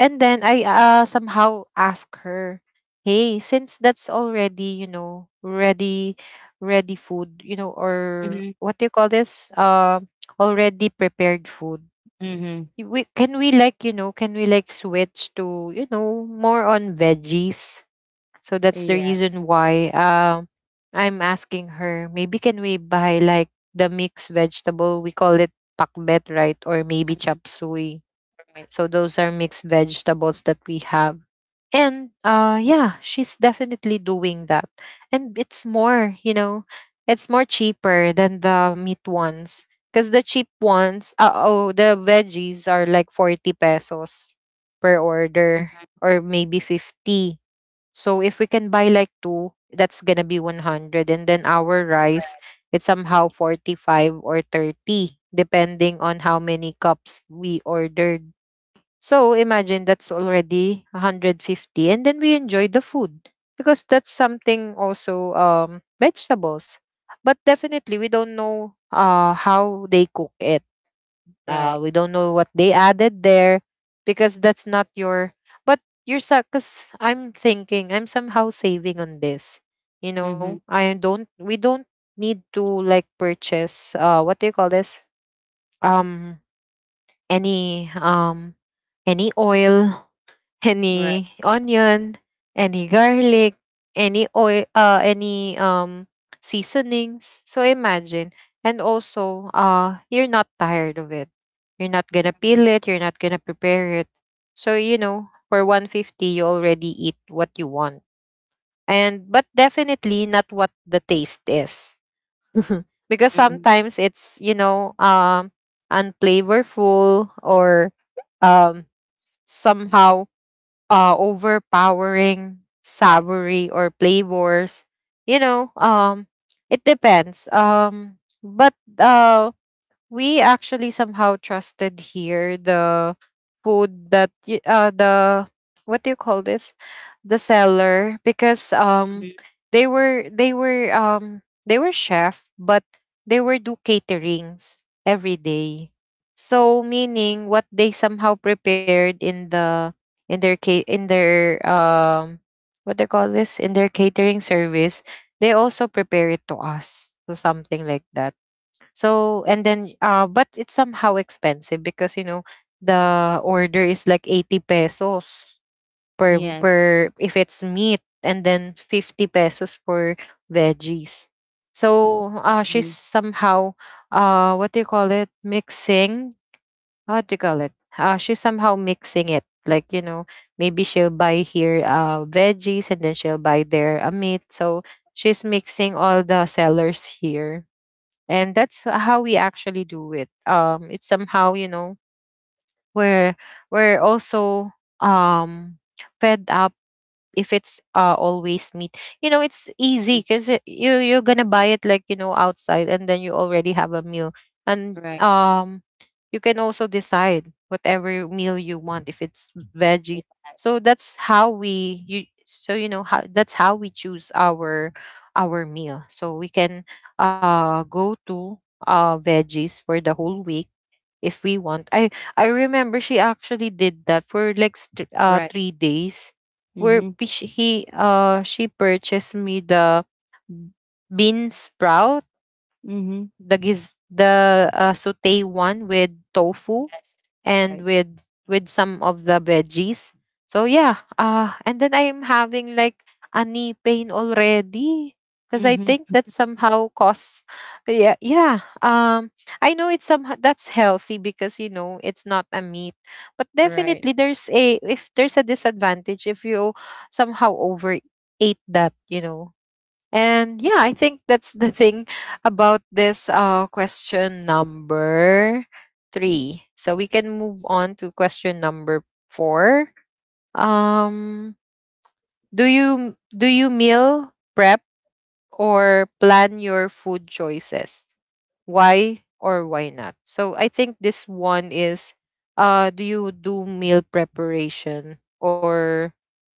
Speaker 1: And then I somehow ask her, "Hey, since that's already, you know, ready food, you know, or
Speaker 2: mm-hmm,
Speaker 1: what do you call this? Already prepared food.
Speaker 2: mm-hmm.
Speaker 1: We can we like, you know, can we like switch to, you know, more on veggies?" So that's the
Speaker 2: Yes,
Speaker 1: reason why I'm asking her, maybe can we buy like the mixed vegetable? We call it pakbet, right? Or maybe
Speaker 2: mm,
Speaker 1: chop suey.
Speaker 2: right,
Speaker 1: So those are mixed vegetables that we have, and yeah, she's definitely doing that, and it's more it's more cheaper than the meat ones, because the cheap ones the veggies are like 40 pesos per order,
Speaker 2: mm-hmm,
Speaker 1: or maybe 50. So if we can buy like two, that's gonna be 100, and then our rice, it's somehow 45 or 30 depending on how many cups we ordered. So imagine that's already 150, and then we enjoy the food, because that's something also vegetables. But definitely we don't know how they cook it.
Speaker 2: right,
Speaker 1: We don't know what they added there, because that's not your, but you're, cuz I'm thinking I'm somehow saving on this. You know,
Speaker 2: mm-hmm,
Speaker 1: I don't we don't need to like purchase what do you call this? Um any any oil,
Speaker 2: right,
Speaker 1: any onion, any garlic, any oil, any seasonings. So imagine, and also, you're not tired of it. You're not gonna
Speaker 2: mm-hmm,
Speaker 1: peel it. You're not gonna prepare it. So you know, for 150, you already eat what you want, and but definitely not what the taste is, because
Speaker 2: mm-hmm.
Speaker 1: sometimes it's you know unflavorful or um somehow overpowering
Speaker 2: Yes,
Speaker 1: savory or flavors. You know, it depends. But we actually somehow trusted here the food that the what do you call this, the seller, because
Speaker 2: mm-hmm,
Speaker 1: they were chef, but they were do caterings every day. So meaning what they somehow prepared in the in their what they call this, in their catering service, they also prepare it to us, so something like that. So and then but it's somehow expensive because you know the order is like 80 pesos per
Speaker 2: yes,
Speaker 1: per if it's meat, and then 50 pesos for veggies. So she's
Speaker 2: mm-hmm,
Speaker 1: somehow what do you call it, mixing, what do you call it, she's somehow mixing it, like you know, maybe she'll buy here veggies, and then she'll buy there a meat, so she's mixing all the sellers here. And that's how we actually do it. It's somehow you know we're we're also um fed up if it's always meat. You know, it's easy because you're gonna buy it, like you know, outside, and then you already have a meal. And
Speaker 2: right,
Speaker 1: you can also decide whatever meal you want, if it's veggie.
Speaker 2: yes,
Speaker 1: So that's how we, you, so you know how, that's how we choose our meal, so we can go to veggies for the whole week if we want. I remember she actually did that for like
Speaker 2: right.
Speaker 1: 3 days, where
Speaker 2: Mm-hmm.
Speaker 1: p- she- he she purchased me the bean sprout,
Speaker 2: Mhm.
Speaker 1: the giz, the, saute one with tofu,
Speaker 2: Yes.
Speaker 1: and
Speaker 2: Right.
Speaker 1: with some of the veggies. So yeah, and then I'm having like a knee pain already, because I
Speaker 2: Mhm.
Speaker 1: think that somehow cause, yeah yeah um I know it's some that's healthy because you know it's not a meat, but
Speaker 2: Right.
Speaker 1: definitely there's a, if there's a disadvantage, if you somehow overate that, you know. And yeah, I think that's the thing about this, question number three. So we can move on to question number four. Um, do you meal prep or plan your food choices? Why or why not? So I think this one is, do you do meal preparation, or,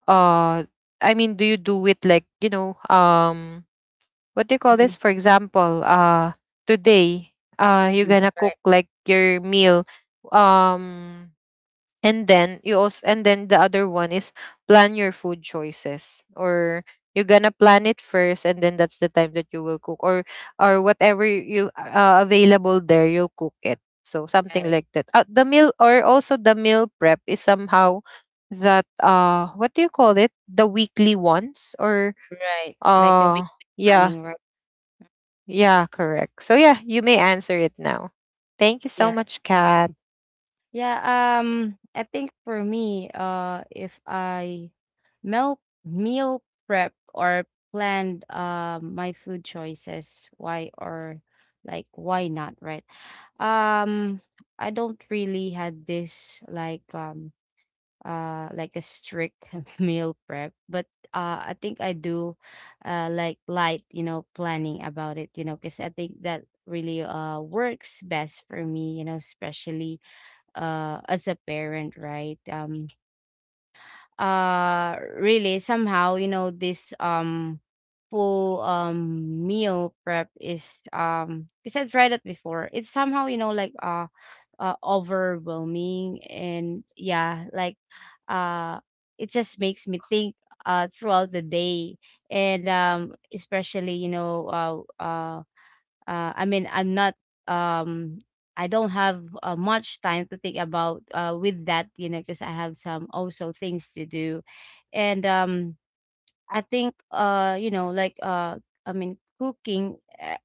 Speaker 1: uh, I mean, do you do it like you know, what do you call this?
Speaker 2: Mhm,
Speaker 1: For example, today, you're
Speaker 2: mhm.
Speaker 1: gonna
Speaker 2: Right,
Speaker 1: cook like your meal, um, and then you also, and then the other one is plan your food choices, or you're gonna plan it first, and then that's the time that you will cook, or whatever you available there, you'll cook it. So something
Speaker 2: right,
Speaker 1: like that. The meal, or also the meal prep is somehow that what do you call it? The weekly ones or
Speaker 2: right. Like the
Speaker 1: uh
Speaker 2: weekly
Speaker 1: yeah,
Speaker 2: planning, right?
Speaker 1: yeah, correct. So yeah, you may answer it now. Thank you so
Speaker 2: Yes.
Speaker 1: much, Kat.
Speaker 2: Yeah, I think for me, if I meal meal prep or planned my food choices, why or like why not, right? Um, I don't really had this like a strict meal prep but I think I do like light, you know, planning about it, you know, because I think that really works best for me, you know, especially as a parent, right? Really somehow, you know, this full meal prep is because I tried it before, it's somehow, you know, like overwhelming. And yeah, like uh it just makes me think throughout the day. And especially, you know, uh uh, I mean, um I don't have much time to think about with that, you know, because I have some also things to do. And I think I mean, cooking, uh,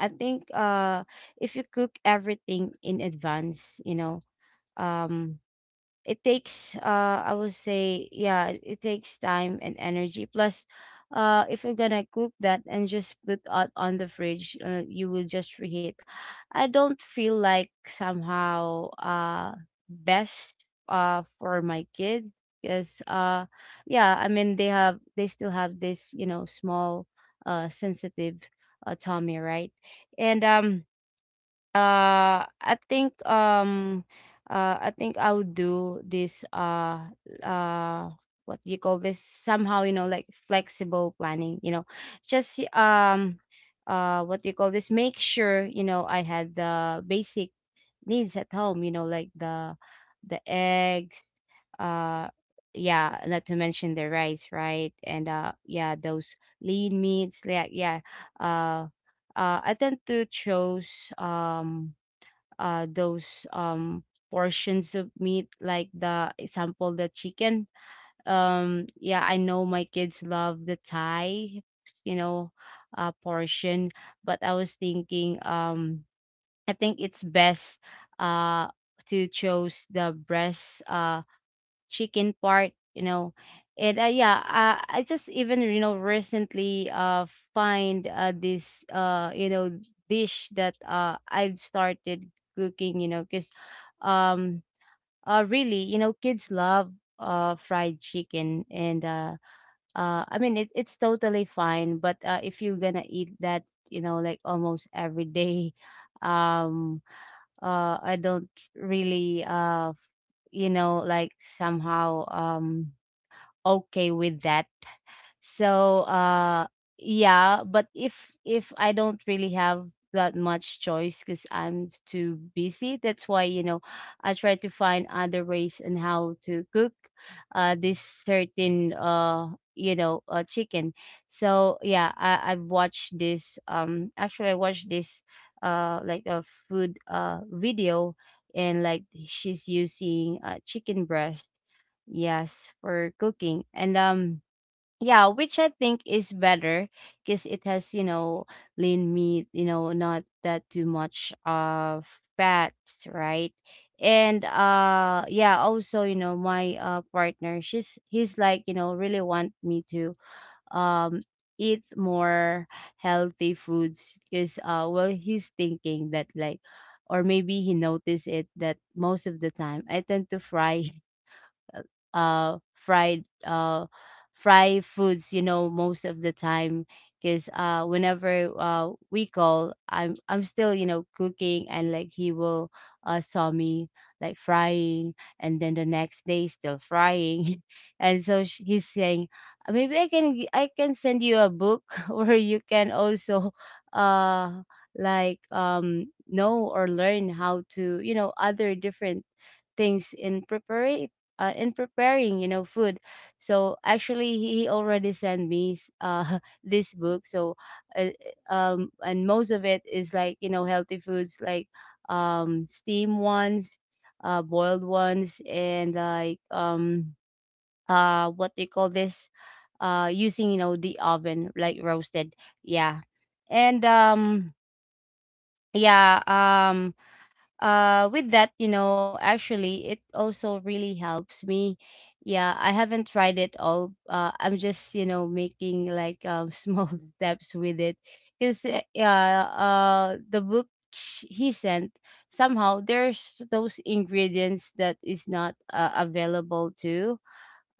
Speaker 2: I think if you cook everything in advance, you know, um it takes I would say, yeah, it takes time and energy. Plus if you're gonna cook that and just put out on the fridge, you will just reheat. I don't feel like somehow best for my kids, because yeah, I mean, they still have this, you know, small sensitive tummy, right? And uh, I think um I think I'll do this, uh what do you call this, somehow, you know, like flexible planning, you know. Just What do you call this, make sure, you know, I had the basic needs at home, you know, like the eggs, uh yeah, not to mention the rice, right? And yeah, those lean meats, like, yeah. Uh I tend to choose those portions of meat, like the example, the chicken. Yeah, I know my kids love the Thai, you know, portion, but I was thinking, I think it's best uh to choose the breast chicken part, you know. And yeah, I just even, you know, recently find this, you know, dish that I've started cooking, you know, because um really, you know, kids love fried chicken. And I mean, it's totally fine, but if you're gonna eat that, you know, like almost every day, um I don't really you know, like somehow okay with that. So yeah, but if I don't really have that much choice because I'm too busy, that's why, you know, I try to find other ways on how to cook this certain chicken. So yeah, I've watched this, actually I watched this like a food video, and like, she's using chicken breast, yes, for cooking. And yeah, which I think is better because it has, you know, lean meat, you know, not that too much of fats, right? And yeah, also, you know, my partner, she's he's like, you know, really want me to um eat more healthy foods, because well, he's thinking that, like, or maybe he noticed it that most of the time I tend to fry uh fried fry foods, you know, most of the time. Because whenever we call, I'm still, you know, cooking, and like, he will saw me like frying, and then the next day still frying and so he's saying, Maybe I can send you a book where you can also uh know or learn how to, you know, other different things in prepare in preparing, you know, food." So actually, he already sent me this book. So uh, and most of it is, like, you know, healthy foods, like steam ones, boiled ones, and like, what they call this, using, you know, the oven, like, roasted, yeah. And yeah, with that, you know, actually it also really helps me. Yeah, I haven't tried it all, I'm just, you know, making like, small steps with it. Because yeah, the book he sent, somehow there's those ingredients that is not, available too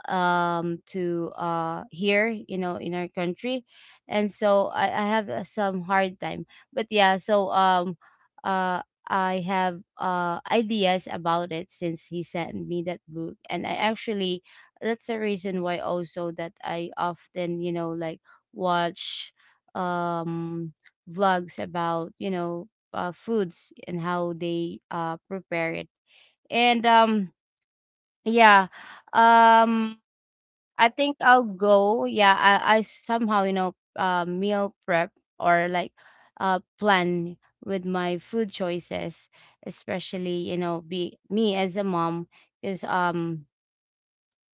Speaker 2: to here, you know, in our country. And so I have, some hard time. But yeah, so uh I have ideas about it since he sent me that book. And I actually, that's the reason why also that I often, you know, like, watch um vlogs about, you know, foods and how they prepare it. And yeah. um I think I'll go. Yeah, I somehow, you know, meal prep or like plan with my food choices, especially, you know, be me as a mom, is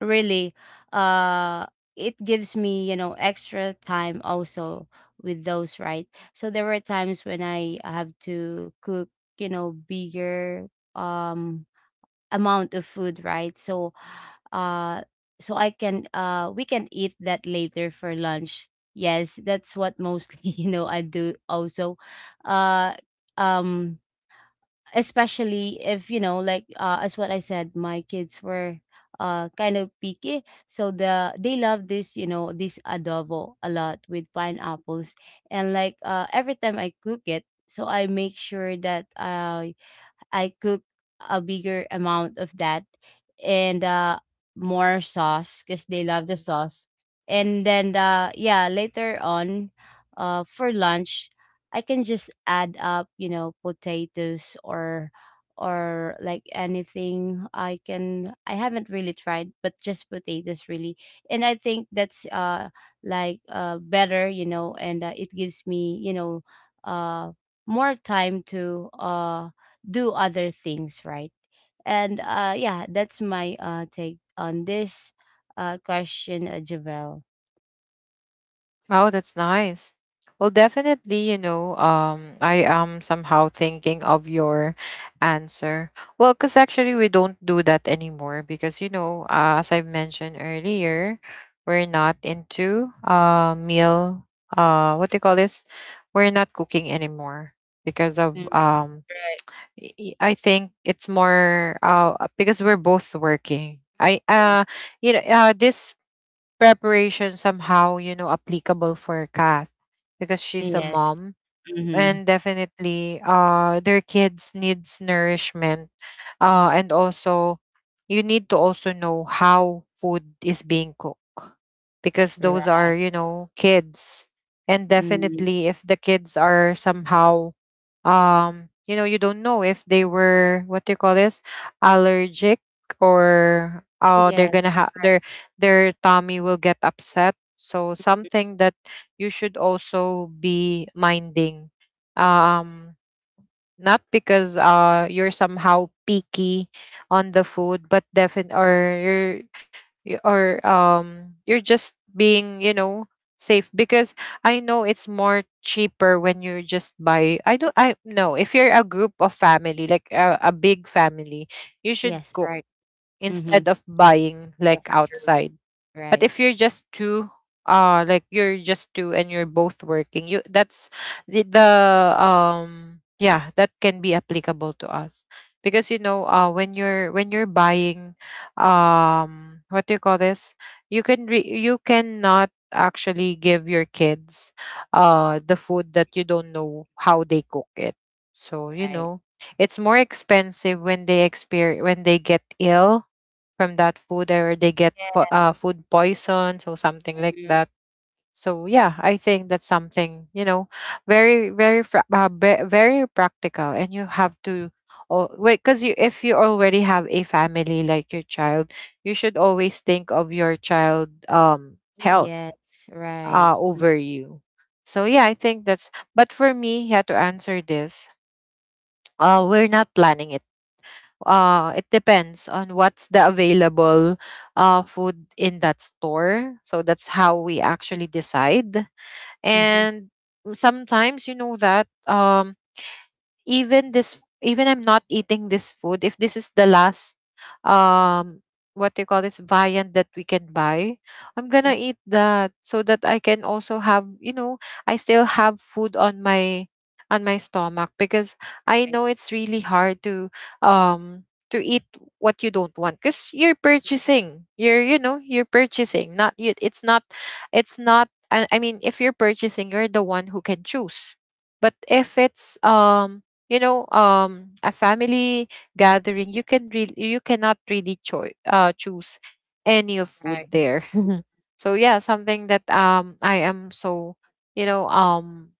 Speaker 2: really uh it gives me, you know, extra time also with those, right. So there were times when I have to cook, you know, bigger amount of food, right? So, uh, so I can, we can eat that later for lunch. Yes, that's what mostly you know, I do also. Uh, um, Especially if, you know, like, as what I said, my kids were kind of picky, so they love this, you know, this adobo a lot with pineapples. And like, every time I cook it, so I make sure that I cook a bigger amount of that, and more sauce because they love the sauce. And then yeah, later on, for lunch, I can just add up, you know, potatoes or like anything. I can, I haven't really tried, but just potatoes really. And I think that's better, you know. And it gives me, you know, uh more time to do other things, right? And yeah, that's my take on this question, Javel.
Speaker 1: Oh, that's nice. Well, definitely, you know, I am somehow thinking of your answer. Well, because actually we don't do that anymore because, you know, as I've mentioned earlier, we're not into meal, what do you call this? We're not cooking anymore because of
Speaker 2: Mm, right.
Speaker 1: I think it's more because we're both working. I
Speaker 2: Yeah.
Speaker 1: you know this preparation somehow you know applicable for Kath, because she's a
Speaker 2: Yes.
Speaker 1: mom,
Speaker 2: Mm-hmm.
Speaker 1: and definitely their kids needs nourishment, and also you need to also know how food is being cooked, because those
Speaker 2: Right.
Speaker 1: are you know kids, and
Speaker 2: Mm.
Speaker 1: definitely if the kids are somehow you know, you don't know if they were what do you call this, allergic, or
Speaker 2: Oh
Speaker 1: oh they're
Speaker 2: yeah.
Speaker 1: gonna have their tummy will get upset, so something that you should also be minding. um Not because you're somehow picky on the food, but definite, or you're, you-, or you're just being you know safe. Because I know it's more cheaper when you just buy, I don't I no if you're a group of family like a big family, you should
Speaker 2: Yes.
Speaker 1: cook
Speaker 2: Right. Mm-hmm.
Speaker 1: instead of buying like
Speaker 2: Yes. True.
Speaker 1: outside. But
Speaker 2: Right.
Speaker 1: if you're just two, like you're just two and you're both working, you, that's the, the yeah, that can be applicable to us. Because you know, when you're buying what do you call this? You can re- you cannot actually give your kids the food that you don't know how they cook it. So, you
Speaker 2: Right.
Speaker 1: know, it's more expensive when they experience, when they get ill from that food, or they get food poison, so something like
Speaker 2: Mhm.
Speaker 1: that. So yeah, I think that's something you know very very very practical, and you have to, oh, wait, because you, if you already have a family like your child, you should always think of your child
Speaker 2: Oh
Speaker 1: health
Speaker 2: yes. Right.
Speaker 1: over you. So yeah, I think that's, but for me, yeah, to answer this, we're not planning it. It depends on what's the available food in that store, so that's how we actually decide.
Speaker 2: Mm-hmm.
Speaker 1: And sometimes you know that, even this, even I'm not eating this food, if this is the last um what do you call this viand that we can buy, I'm gonna
Speaker 2: Mm-hmm,
Speaker 1: eat that so that I can also have, you know, I still have food on my stomach, because I
Speaker 2: right.
Speaker 1: know it's really hard um to eat what you don't want. Because you're purchasing, you're, you know, you're purchasing, not you, it's not it's not, I mean, if you're purchasing you're the one who can choose, but if it's you know a family gathering, you can really, you cannot really choose any of food
Speaker 2: Right.
Speaker 1: there so yeah, something that I am so, you know,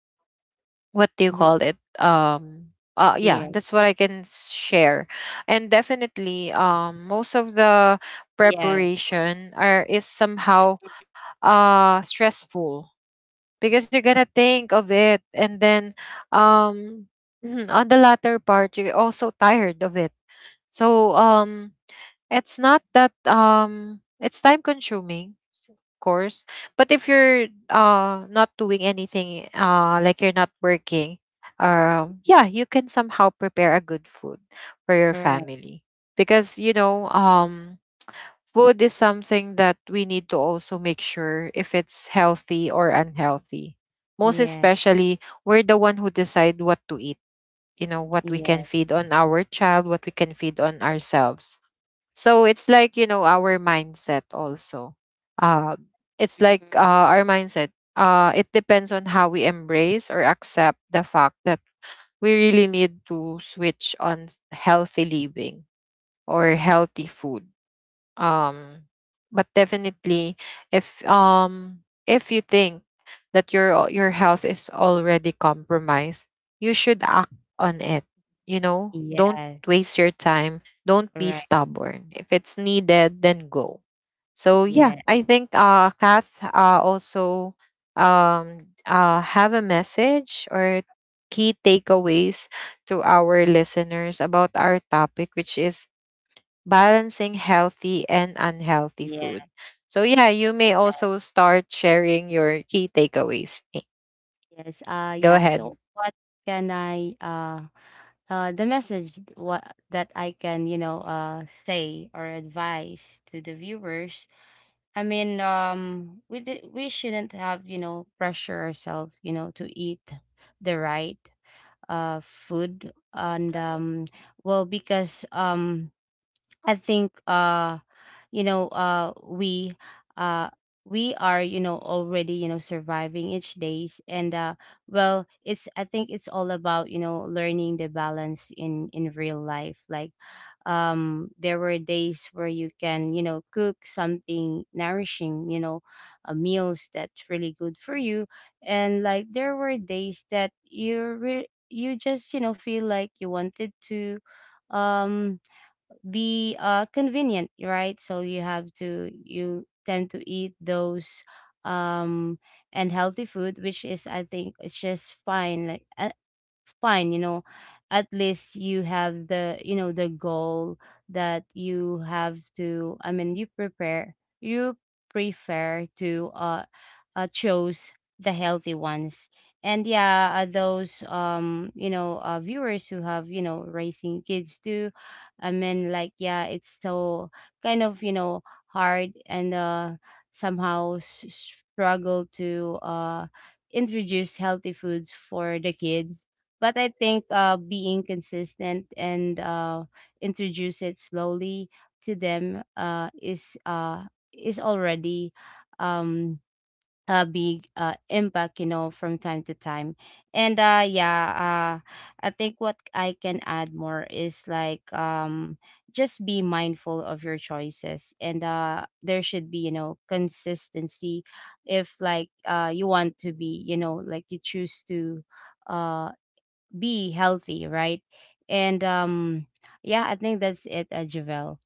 Speaker 1: what do you
Speaker 2: Mm-hmm.
Speaker 1: call it, yeah,
Speaker 2: Yeah.
Speaker 1: that's what I can share. And definitely, most of the
Speaker 2: Yeah.
Speaker 1: preparation are, is somehow stressful, because you're gonna think of it, and then um mhm, on the latter part you're also tired of it. So it's not that it's time consuming, of course, but if you're not doing anything, like you're not working, yeah, you can somehow prepare a good food for your
Speaker 2: Right.
Speaker 1: family, because you know food is something that we need to also make sure if it's healthy or unhealthy. Most
Speaker 2: Yeah.
Speaker 1: especially, we're the one who decide what to eat, you know, what we
Speaker 2: Yeah.
Speaker 1: can feed on our child, what we can feed on ourselves. So it's like, you know, our mindset also. Uh, it's like
Speaker 2: Mm-hmm.
Speaker 1: our mindset. It depends on how we embrace or accept the fact that we really need to switch on healthy living or healthy food, um, but definitely, if you think that your your health is already compromised, you should act on it. You know, don't
Speaker 2: Yes.
Speaker 1: waste your time. Don't be
Speaker 2: Right.
Speaker 1: stubborn. If it's needed, then go. So yeah,
Speaker 2: Yeah.
Speaker 1: I think Kath also have a message or key takeaways to our listeners about our topic, which is balancing healthy and unhealthy
Speaker 2: Yeah.
Speaker 1: food. So, yeah, you may also start sharing your key takeaways.
Speaker 2: Yes,
Speaker 1: Go
Speaker 2: yeah. So
Speaker 1: ahead.
Speaker 2: what can I the message what that I can, you know, say or advise to the viewers. I mean, we shouldn't have, you know, pressure ourselves, you know, to eat the right food. And well, because I think you know uh we uh we are, you know, already, you know, surviving each days. And well, it's, I think it's all about, you know, learning the balance in real life. Like, there were days where you can, you know, cook something nourishing, you know, meals that's really good for you. And like, there were days that you just, you know, feel like you wanted to um be convenient, right? So you have to, you tend to eat those um and healthy food, which is, I think it's just fine. Like, fine, you know. At least you have the, you know, the goal that you have to, I mean, you prepare you prefer to, choose the healthy ones. And yeah, those, you know, viewers who have, you know, raising kids too, I mean, like, yeah, it's so kind of, you know, hard. And somehow struggle to introduce healthy foods for the kids. But I think being consistent and introduce it slowly to them is already um, a big impact, you know, from time to time. And yeah, I think what I can add more is like, just be mindful of your choices. And there should be, you know, consistency if, like, you want to be, you know, like, you choose to Uh, be healthy, right? And yeah, I think that's it, Javel.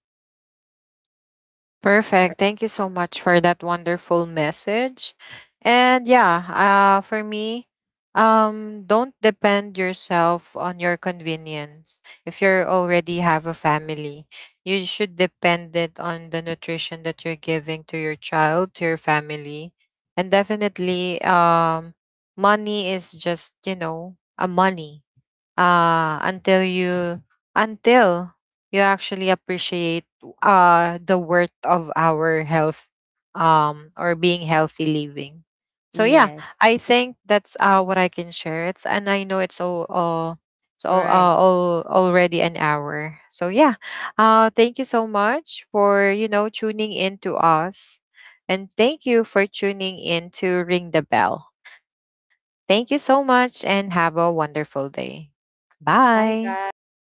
Speaker 1: Perfect. Thank you so much for that wonderful message. And yeah, for me, don't depend yourself on your convenience. If you are already have a family, you should depend it on the nutrition that you're giving to your child, to your family. And definitely, money is just, you know, a money until you, until you actually appreciate the worth of our health, or being healthy living. So yeah,
Speaker 2: Yes,
Speaker 1: I think that's what I can share. It's, and I know it's all it's
Speaker 2: right.
Speaker 1: all already an hour. So yeah, thank you so much for you know tuning in to us, and thank you for tuning in to Ring the Bell. Thank you so much and have a wonderful day.
Speaker 2: Hi,
Speaker 1: Bye.
Speaker 2: guys.